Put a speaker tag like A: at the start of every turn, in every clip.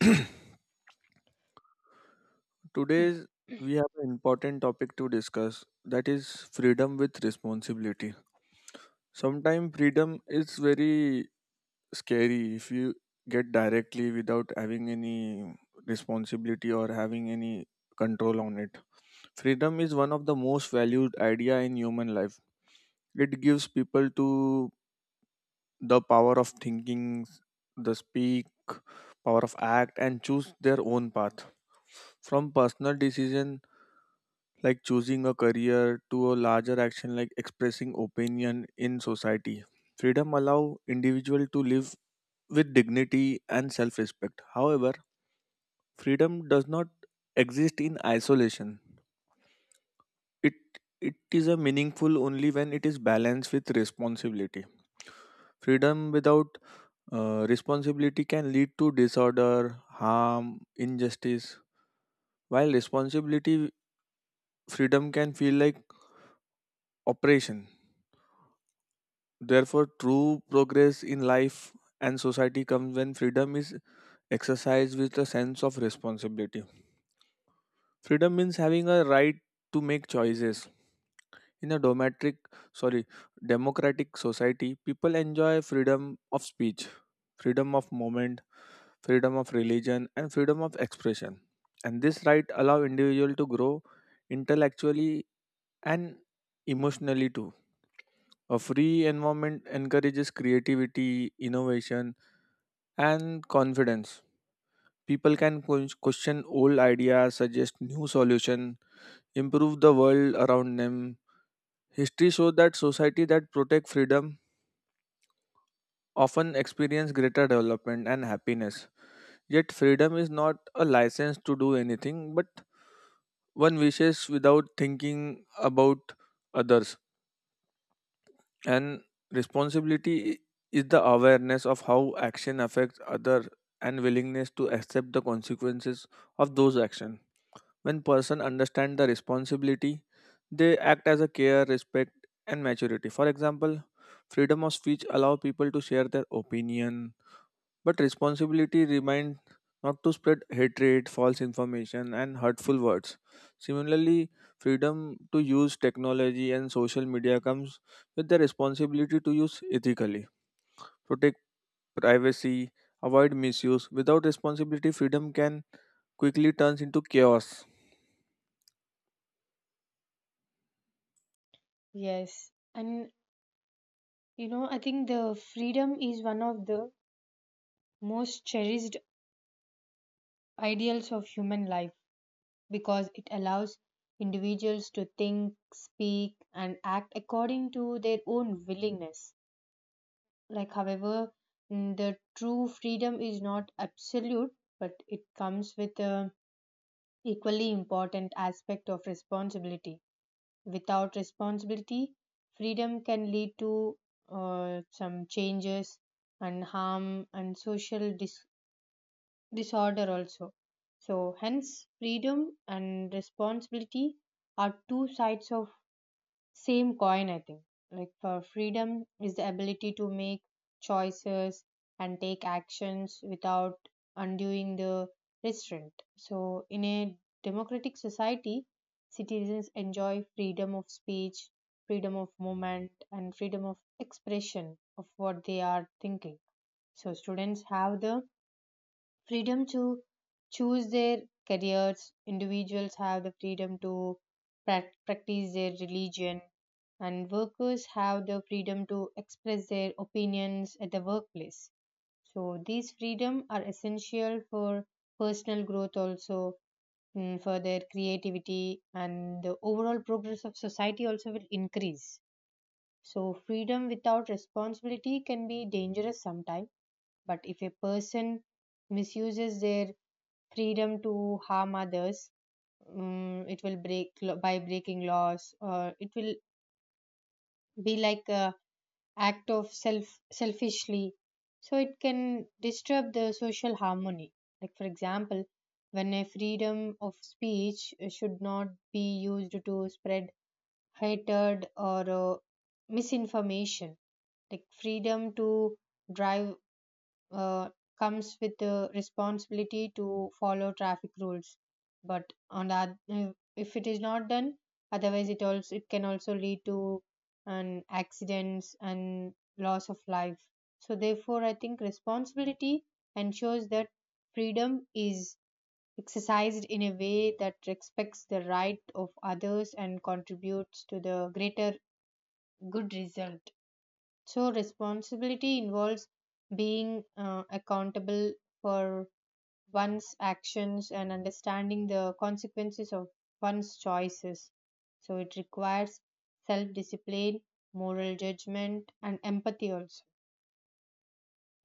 A: Today we have an important topic to discuss, that is freedom with responsibility. Sometimes freedom is very scary if you get directly without having any responsibility or having any control on it. Freedom is one of the most valued idea in human life. It gives people to the power of thinking, the speak, power of act and choose their own path. From personal decision like choosing a career to a larger action like expressing opinion in society, freedom allow individual to live with dignity and self-respect. However, freedom does not exist in isolation. It it is a meaningful only when it is balanced with responsibility. Freedom without responsibility can lead to disorder, harm, injustice, while responsibility freedom can feel like oppression. Therefore, true progress in life and society comes when freedom is exercised with a sense of responsibility. Freedom means having a right to make choices. In a domestic, sorry, democratic society, people enjoy freedom of speech, freedom of movement, freedom of religion, and freedom of expression. And this right allow individual to grow intellectually and emotionally too. A free environment encourages creativity, innovation, and confidence. People can question old ideas, suggest new solutions, improve the world around them. History shows that society that protect freedom often experience greater development and happiness. Yet freedom is not a license to do anything, but one wishes without thinking about others. And responsibility is the awareness of how action affects other and willingness to accept the consequences of those actions. When person understand the responsibility, they act as a care, respect, and maturity. For example, freedom of speech allow people to share their opinion, but responsibility remind not to spread hatred, false information, and hurtful words. Similarly, freedom to use technology and social media comes with the responsibility to use ethically, protect privacy, avoid misuse. Without responsibility, freedom can quickly turns into chaos.
B: Yes, and I think the freedom is one of the most cherished ideals of human life because it allows individuals to think, speak, and act according to their own willingness. However, the true freedom is not absolute, but it comes with a equally important aspect of responsibility. Without responsibility, freedom can lead to some changes and harm and social disorder also. So hence freedom and responsibility are two sides of same coin, I think. Like for Freedom is the ability to make choices and take actions without undoing the restraint. So in a democratic society, citizens enjoy freedom of speech, freedom of movement, and freedom of expression of what they are thinking. So students have the freedom to choose their careers, individuals have the freedom to practice their religion, and workers have the freedom to express their opinions at the workplace. So these freedom are essential for personal growth also, for their creativity, and the overall progress of society also will increase. So freedom without responsibility can be dangerous sometimes, but if a person misuses their freedom to harm others. It will by breaking laws, or it will be like a act of self selfishly. So it can disturb the social harmony. Like for example, when a freedom of speech should not be used to spread hatred or misinformation. Like freedom to drive uh, comes with the responsibility to follow traffic rules, but on that, if it is not done, otherwise it also it can also lead to an accidents and loss of life. So therefore, I think responsibility ensures that freedom is exercised in a way that respects the right of others and contributes to the greater good result. So responsibility involves being accountable for one's actions and understanding the consequences of one's choices. So it requires self discipline, moral judgment, and empathy also.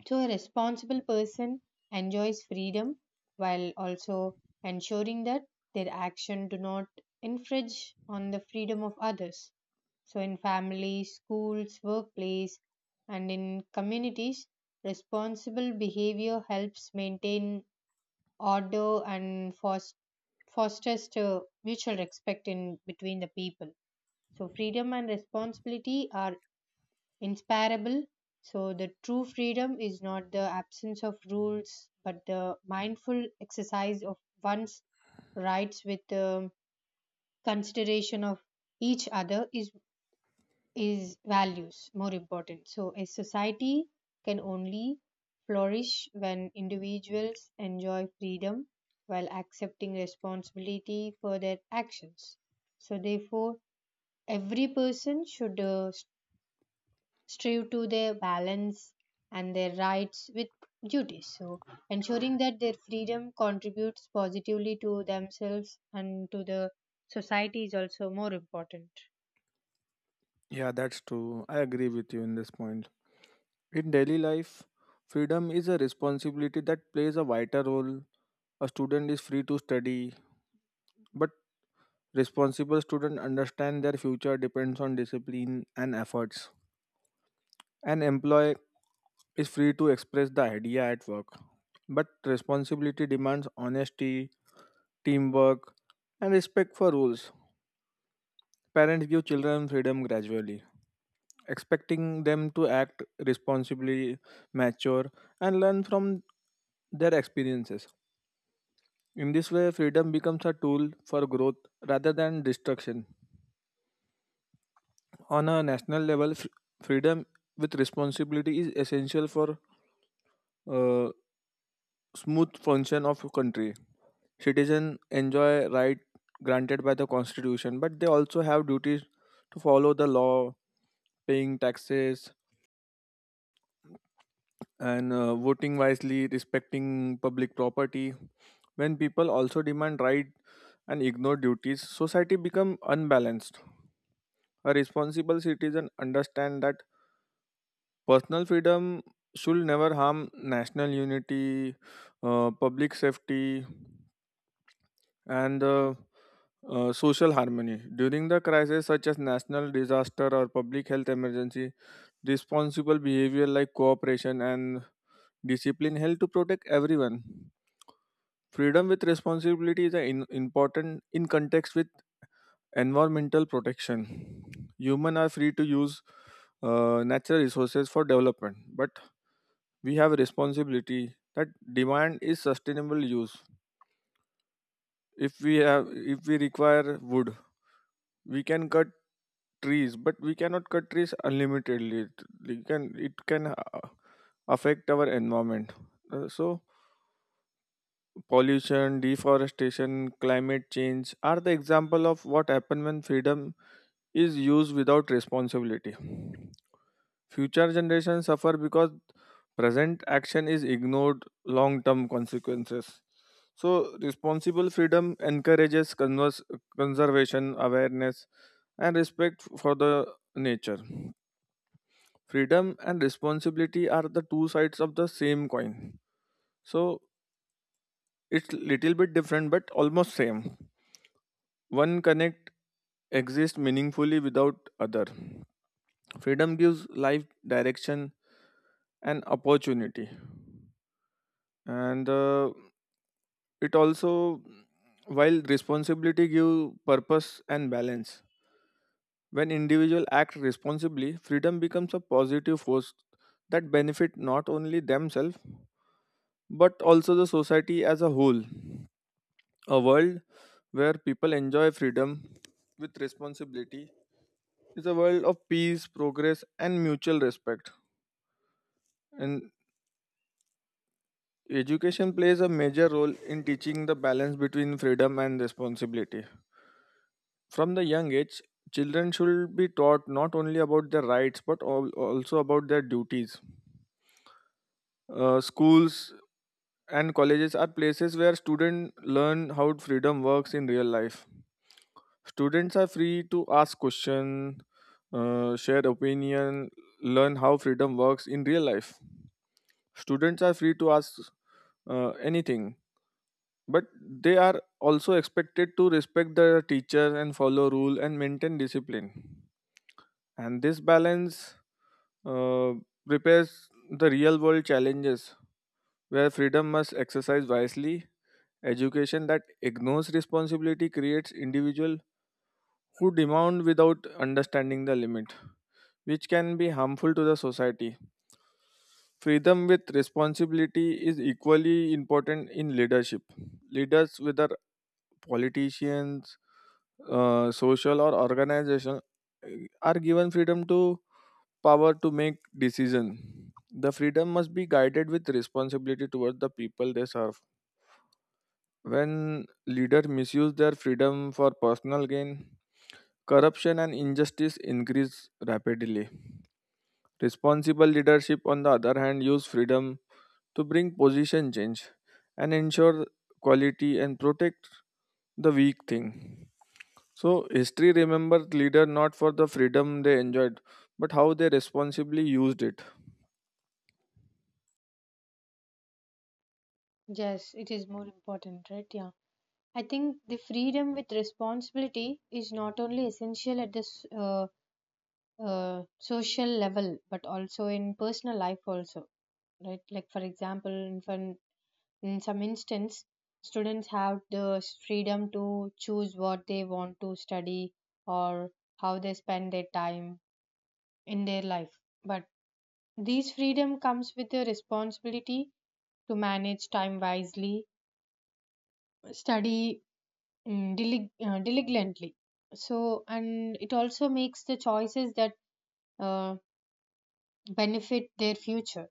B: So a responsible person enjoys freedom while also ensuring that their action do not infringe on the freedom of others. So in families, schools, workplace, and in communities, responsible behavior helps maintain order and fosters to mutual respect in between the people. So freedom and responsibility are inseparable. So the true freedom is not the absence of rules, but the mindful exercise of one's rights with the consideration of each other is values more important. So a society can only flourish when individuals enjoy freedom while accepting responsibility for their actions. So therefore, every person should strive to their balance and their rights with duties. So ensuring that their freedom contributes positively to themselves and to the society is also more important.
A: Yeah, that's true. I agree with you in this point. In daily life, freedom is a responsibility that plays a vital role. A student is free to study, but responsible students understand their future depends on discipline and efforts. An employee is free to express the idea at work, but responsibility demands honesty, teamwork, and respect for rules. Parents give children freedom gradually, expecting them to act responsibly, mature, and learn from their experiences. In this way, freedom becomes a tool for growth rather than destruction. On a national level, freedom with responsibility is essential for uh, smooth function of a country. Citizens enjoy rights granted by the constitution, but they also have duties to follow the law, paying taxes, and voting wisely, respecting public property. When people also demand right and ignore duties, society become unbalanced. A responsible citizen understand that personal freedom should never harm national unity, public safety, and social harmony. During the crisis such as national disaster or public health emergency, responsible behavior like cooperation and discipline help to protect everyone. Freedom with responsibility is a in, important in context with environmental protection. Humans are free to use natural resources for development, but we have a responsibility that demand is sustainable use. If we have, if we require wood, we can cut trees, but we cannot cut trees unlimitedly. It can affect our environment. So pollution, deforestation, climate change are the example of what happens when freedom is used without responsibility. Future generations suffer because present action is ignored long-term consequences. So, responsible freedom encourages conservation, awareness, and respect for the nature. Freedom and responsibility are the two sides of the same coin. So, it's little bit different but almost same. One connect exists meaningfully without other. Freedom gives life direction and opportunity, and it also, while responsibility give purpose and balance. When individual act responsibly, freedom becomes a positive force that benefit not only themselves but also the society as a whole. A world where people enjoy freedom with responsibility, it's a world of peace, progress, and mutual respect. And education plays a major role in teaching the balance between freedom and responsibility. From the young age, children should be taught not only about their rights but also about their duties. Schools and colleges are places where students learn how freedom works in real life. Students are free to ask questions, share opinion, learn how freedom works in real life. Students are free to ask anything, but they are also expected to respect the teacher and follow rule and maintain discipline. And this balance uh, prepares the real world challenges where freedom must exercise wisely. Education that ignores responsibility creates individual who demand without understanding the limit, which can be harmful to the society. Freedom with responsibility is equally important in leadership. Leaders, whether politicians, social or organizational, are given freedom to power to make decision. The freedom must be guided with responsibility towards the people they serve. When leaders misuse their freedom for personal gain, corruption and injustice increase rapidly. Responsible leadership, on the other hand, use freedom to bring position change and ensure quality and protect the weak thing. So history remembers leader not for the freedom they enjoyed, but how they responsibly used it.
B: Yes, it is more important, right? Yeah. I think the freedom with responsibility is not only essential at this social level, but also in personal life also, right? Like for example, in some instance, students have the freedom to choose what they want to study or how they spend their time in their life. But this freedom comes with the responsibility to manage time wisely, study diligently. So, and it also makes the choices that uh, benefit their future.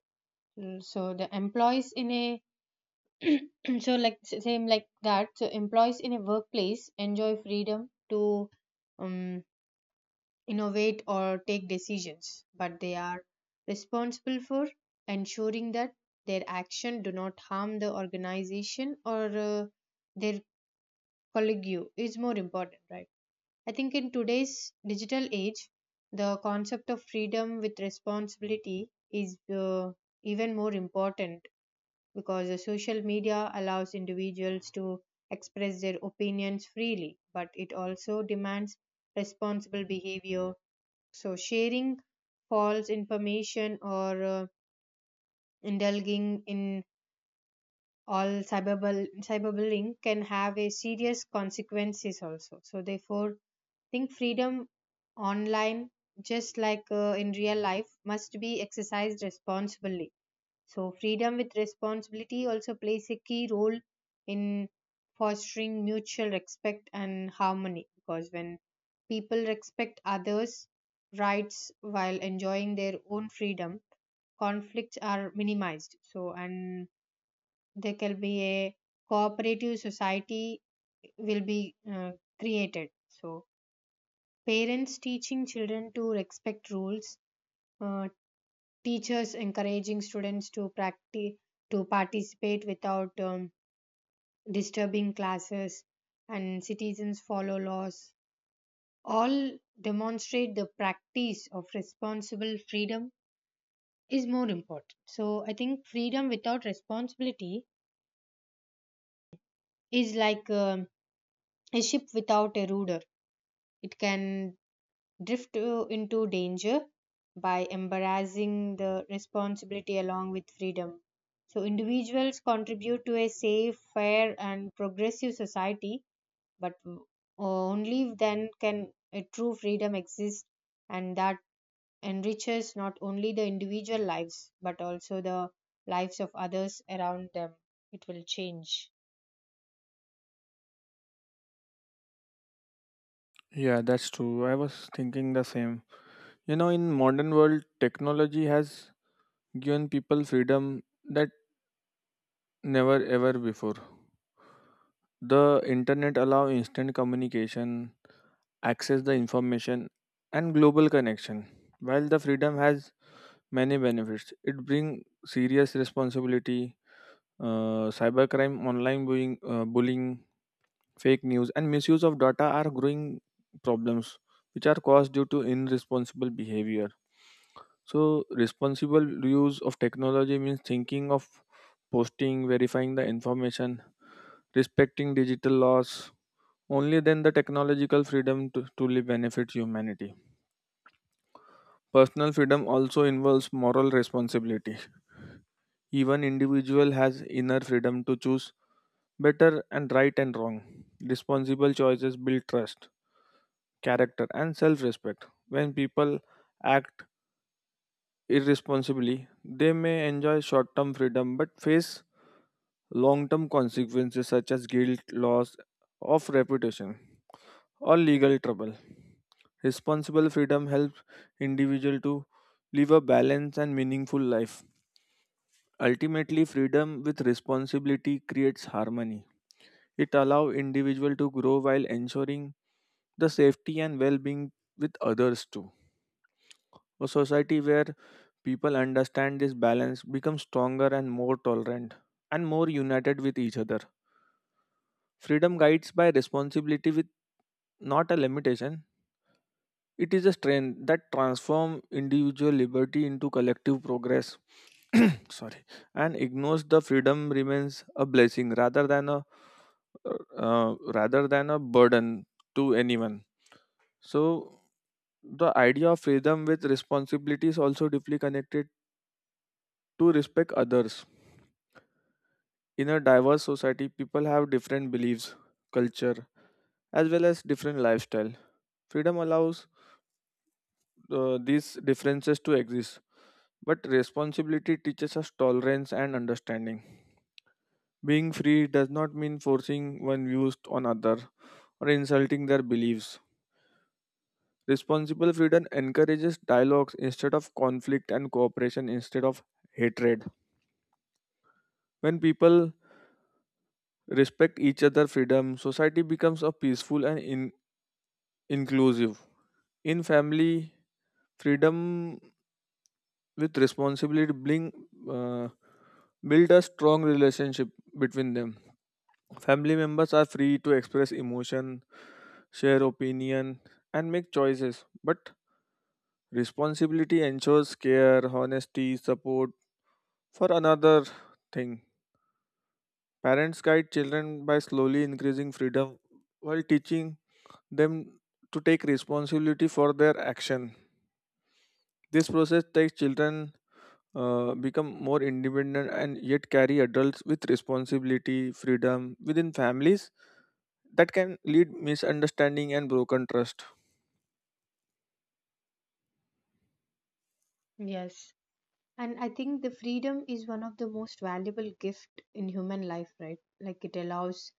B: So the employees in a so same like that. So employees in a workplace enjoy freedom to um, innovate or take decisions, but they are responsible for ensuring that their action do not harm the organization or their colleague. Is more important, right? I think in today's digital age, the concept of freedom with responsibility is even more important because the social media allows individuals to express their opinions freely, but it also demands responsible behavior. So sharing false information or indulging in all cyberbullying can have a serious consequences also. So therefore, think freedom online, just like in real life, must be exercised responsibly. So freedom with responsibility also plays a key role in fostering mutual respect and harmony, because when people respect others rights while enjoying their own freedom, conflicts are minimized. So and there can be a cooperative society will be uh, created. So parents teaching children to respect rules, uh, teachers encouraging students to practice to participate without disturbing classes, and citizens follow laws, all demonstrate the practice of responsible freedom is more important. So I think freedom without responsibility is like a ship without a rudder. It can into danger by embracing the responsibility along with freedom. So individuals contribute to a safe, fair, and progressive society, but only then can a true freedom exist, and that enriches not only the individual lives but also the lives of others around them. It will change.
A: Yeah, that's true. I was thinking the same. You know, in modern world, technology has given people freedom that never ever before. The internet allow instant communication, access the information and global connection. While the freedom has many benefits, it brings serious responsibility. Cybercrime, online bullying, fake news and misuse of data are growing problems which are caused due to irresponsible behavior. So responsible use of technology means thinking of posting, verifying the information, respecting digital laws. Only then the technological freedom to truly benefits humanity. Personal freedom also involves moral responsibility. Even individual has inner freedom to choose better and right and wrong. Responsible choices build trust, character and self-respect. When people act irresponsibly, they may enjoy short-term freedom but face long-term consequences such as guilt, loss of reputation or legal trouble. Responsible freedom helps individual to live a balanced and meaningful life. Ultimately, freedom with responsibility creates harmony. It allows individual to grow while ensuring the safety and well-being with others too. A society where people understand this balance becomes stronger and more tolerant and more united with each other. Freedom guides by responsibility with not a limitation. It is a strength that transforms individual liberty into collective progress. Sorry, and ignores the freedom remains a blessing rather than a rather than a burden to anyone. So the idea of freedom with responsibility is also deeply connected to respect others. In a diverse society, people have different beliefs, culture, as well as different lifestyle. Freedom allows these differences to exist, but responsibility teaches us tolerance and understanding. Being free does not mean forcing one views on other or insulting their beliefs. Responsible freedom encourages dialogues instead of conflict and cooperation instead of hatred. When people respect each other's freedom, society becomes a peaceful and inclusive. In family, freedom with responsibility bring uh, build a strong relationship between them. Family members are free to express emotion, share opinion, and make choices, but responsibility ensures care, honesty, support for another thing. Parents guide children by slowly increasing freedom while teaching them to take responsibility for their action. This process takes children become more independent and yet carry adults with responsibility. Freedom within families that can lead misunderstanding and broken trust.
B: Yes. And I think the freedom is one of the most valuable gift in human life, right? Like it allows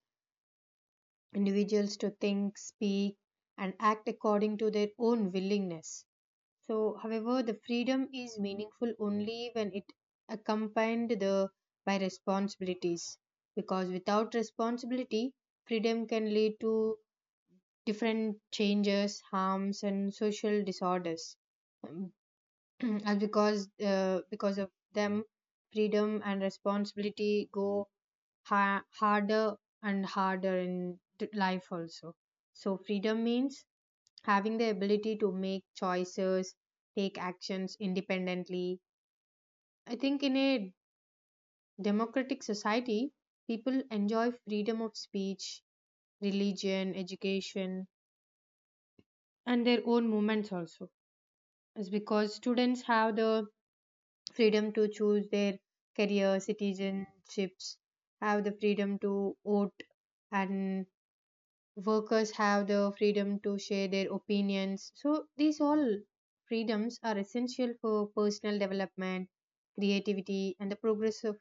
B: individuals to think, speak, and act according to their own willingness. So however, the freedom is meaningful only when it accompanied the, by responsibilities, because without responsibility, freedom can lead to different changes, harms, and social disorders. Um, and because of them, freedom and responsibility go harder and harder in life also. So freedom means having the ability to make choices, take actions independently. I think in a democratic society, people enjoy freedom of speech, religion, education, and their own movements also. It's because students have the freedom to choose their career, citizenships have the freedom to vote, and workers have the freedom to share their opinions. So these all freedoms are essential for personal development, creativity, and the progress of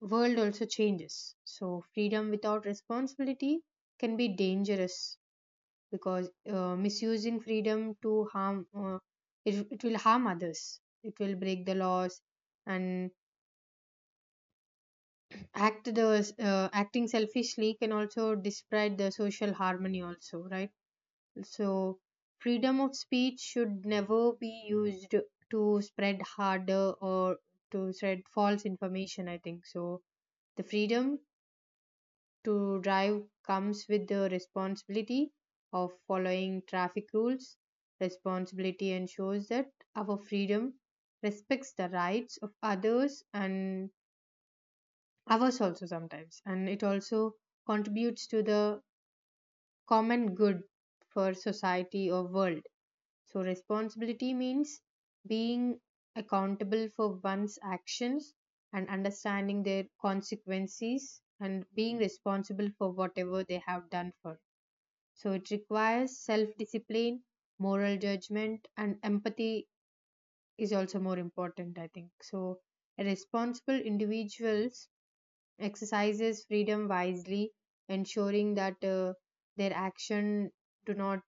B: world also changes. So freedom without responsibility can be dangerous because misusing freedom to harm it, it will harm others, it will break the laws, and acting selfishly can also disrupt the social harmony also, right? So freedom of speech should never be used to spread harder or to spread false information, I think. So the freedom to drive comes with the responsibility of following traffic rules. Responsibility ensures that our freedom respects the rights of others and ours also sometimes, and it also contributes to the common good for society or world. So responsibility means being accountable for one's actions and understanding their consequences, and being responsible for whatever they have done for. So it requires self discipline, moral judgment, and empathy is also more important, I think. So responsible individuals exercises freedom wisely, ensuring that their action do not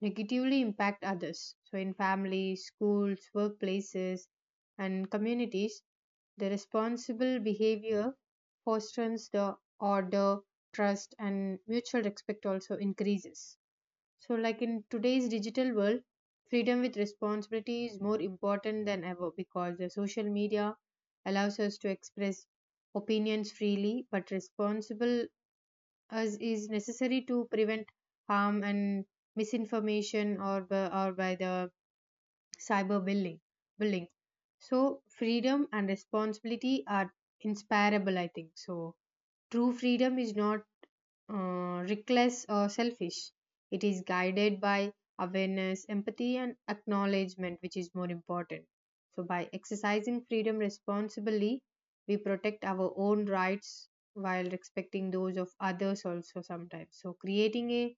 B: negatively impact others. So in families, schools, workplaces, and communities, the responsible behavior fosters the order, trust, and mutual respect also increases. So like in today's digital world, freedom with responsibility is more important than ever because the social media allows us to express opinions freely, but responsible as is necessary to prevent harm and misinformation or by the cyber bullying. Bullying. So freedom and responsibility are inseparable, I think. So true freedom is not reckless or selfish. It is guided by awareness, empathy, and acknowledgement, which is more important. So by exercising freedom responsibly, we protect our own rights while respecting those of others also sometimes. So creating a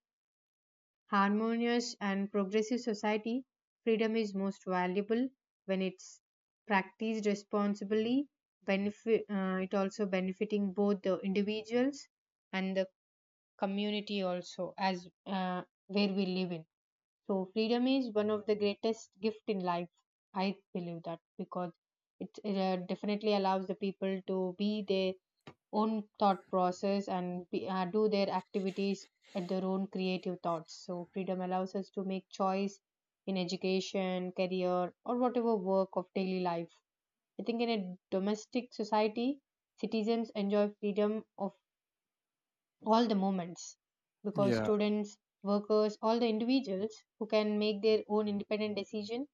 B: harmonious and progressive society, freedom is most valuable when it's practiced responsibly. It also benefiting both the individuals and the community also as where we live in. So freedom is one of the greatest gift in life, I believe that because it definitely allows the people to be their own thought process and do their activities at their own creative thoughts. So freedom allows us to make choice in education, career, or whatever work of daily life. I think in a domestic society, citizens enjoy freedom of all the moments because
A: Yeah,
B: students, workers, all the individuals who can make their own independent decision,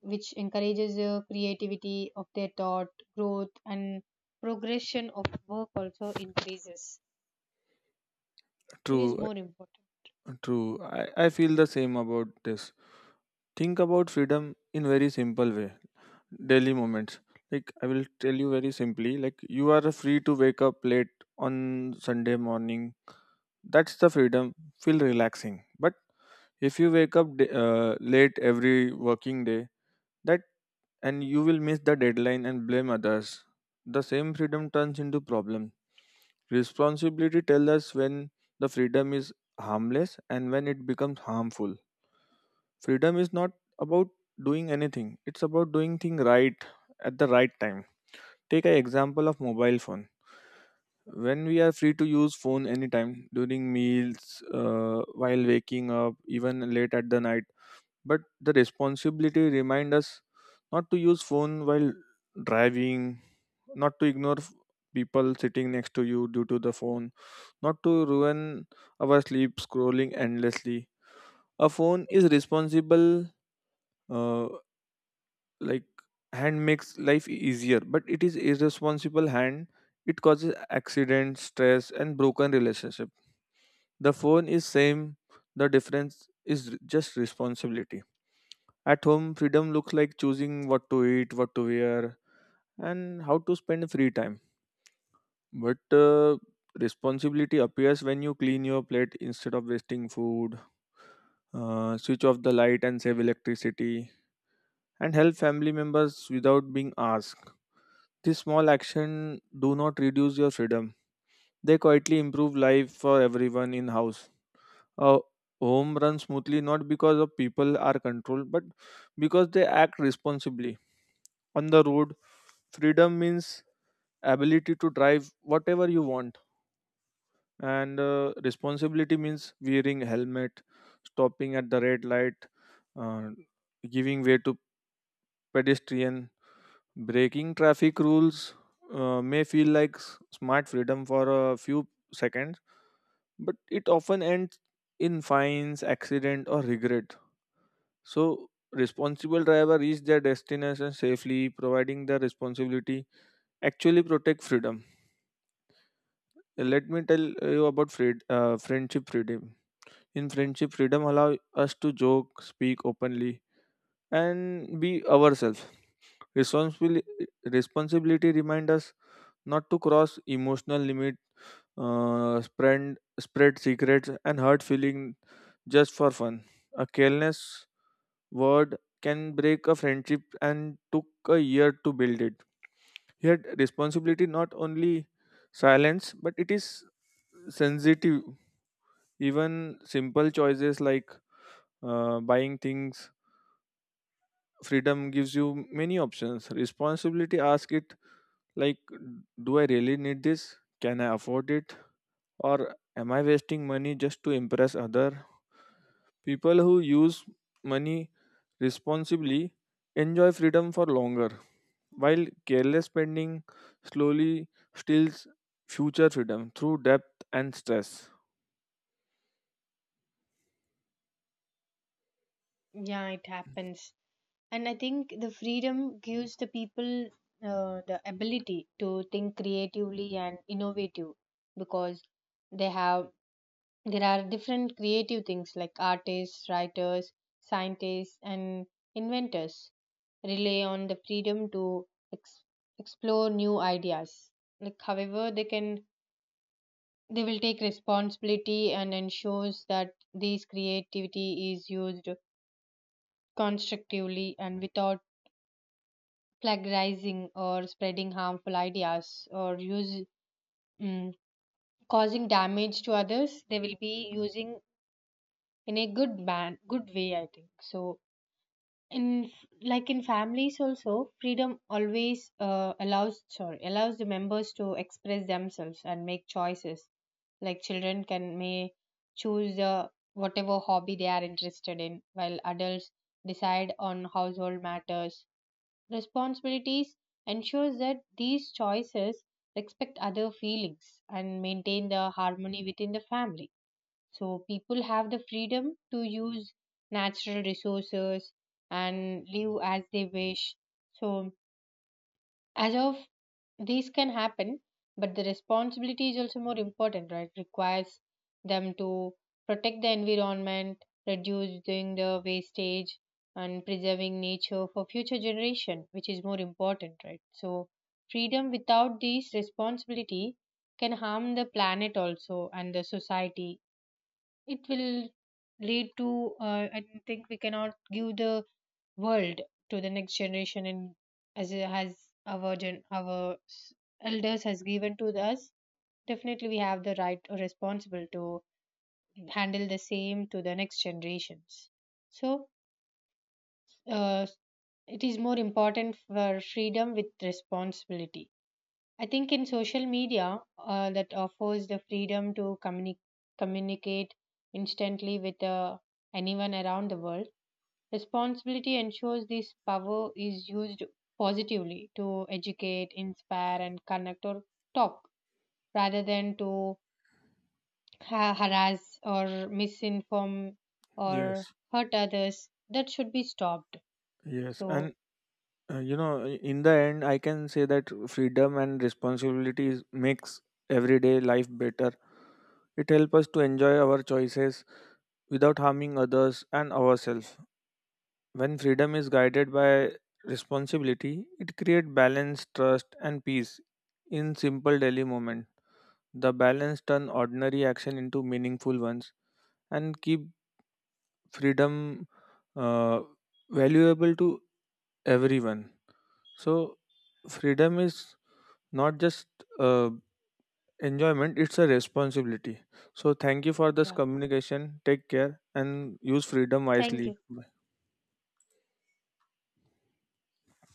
B: which encourages the creativity of their thought, growth, and progression of work also increases. It is
A: true,
B: more important.
A: true. I feel the same about this. Think about freedom in very simple way, daily moments. Like I will tell you very simply, like you are free to wake up late on Sunday morning. That's the freedom. Feel relaxing. But if you wake up late every working day, that, and you will miss the deadline and blame others. The same freedom turns into problem. Responsibility tells us when the freedom is harmless and when it becomes harmful. Freedom is not about doing anything. It's about doing thing right at the right time. Take an example of mobile phone. When we are free to use phone anytime during meals, while waking up, even late at the night, but the responsibility remind us not to use phone while driving, not to ignore people sitting next to you due to the phone, not to ruin our sleep scrolling endlessly. A phone is responsible, uh, like, hand makes life easier, but it is irresponsible hand. It causes accidents, stress and broken relationship. The phone is same. The difference is just responsibility. At home, freedom looks like choosing what to eat, what to wear, and how to spend free time. But responsibility appears when you clean your plate instead of wasting food, switch off the light and save electricity, and help family members without being asked. These small actions do not reduce your freedom. They quietly improve life for everyone in house. A home runs smoothly not because of people are controlled, but because they act responsibly. On the road, freedom means ability to drive whatever you want, and responsibility means wearing helmet, stopping at the red light, uh, giving way to pedestrian. Breaking traffic rules may feel like smart freedom for a few seconds, but it often ends in fines, accident or regret. So responsible driver reach their destination safely, providing the responsibility actually protect freedom. Let me tell you about friendship freedom. In friendship, freedom allow us to joke, speak openly, and be ourselves. Responsibili- responsibility remind us not to cross emotional limit, spread secrets, and hurt feeling just for fun. A careless word can break a friendship and took a year to build it. Yet responsibility not only silence but it is sensitive. Even simple choices like buying things, freedom gives you many options. Responsibility asks it like, do I really need this? Can I afford it? Or am I wasting money just to impress other? People who use money responsibly enjoy freedom for longer, while careless spending slowly steals future freedom through debt and stress.
B: Yeah, it happens. And I think the freedom gives the people the ability to think creatively and innovative because they have there are different creative things like artists, writers, scientists, and inventors rely on the freedom to explore new ideas. Like, however, they will take responsibility and ensures that this creativity is used constructively and without plagiarizing or spreading harmful ideas or use mm, causing damage to others. They will be using in a good way, I think. So in, like in families also, freedom always allows the members to express themselves and make choices, like children can may choose whatever hobby they are interested in, while adults decide on household matters. Responsibilities ensures that these choices respect other feelings and maintain the harmony within the family. So people have the freedom to use natural resources and live as they wish. So as of these can happen, but the responsibility is also more important, right? Requires them to protect the environment, reduce doing the wastage, and preserving nature for future generation, which is more important, right? So freedom without these responsibility can harm the planet also and the society. It will lead to I think we cannot give the world to the next generation, and as it has our gen- our s- elders has given to us. Definitely we have the right or responsible to handle the same to the next generations. So uh, it is more important for freedom with responsibility. I think in social media, that offers the freedom to communicate instantly with anyone around the world. Responsibility ensures this power is used positively to educate, inspire, and connect or talk rather than to harass or misinform or
A: Yes,
B: hurt others. That should be stopped.
A: yes,
B: So,
A: and you know, in the end, I can say that freedom and responsibilities makes everyday life better. It helps us to enjoy our choices without harming others and ourselves. When freedom is guided by responsibility, it creates balance, trust, and peace in simple daily moment. The balance turn ordinary action into meaningful ones and keep freedom uh, valuable to everyone. So, freedom is not just uh, enjoyment, it's a responsibility. So thank you for this
B: yeah,
A: communication, take care and use freedom
B: thank
A: wisely.
B: you.
A: Bye.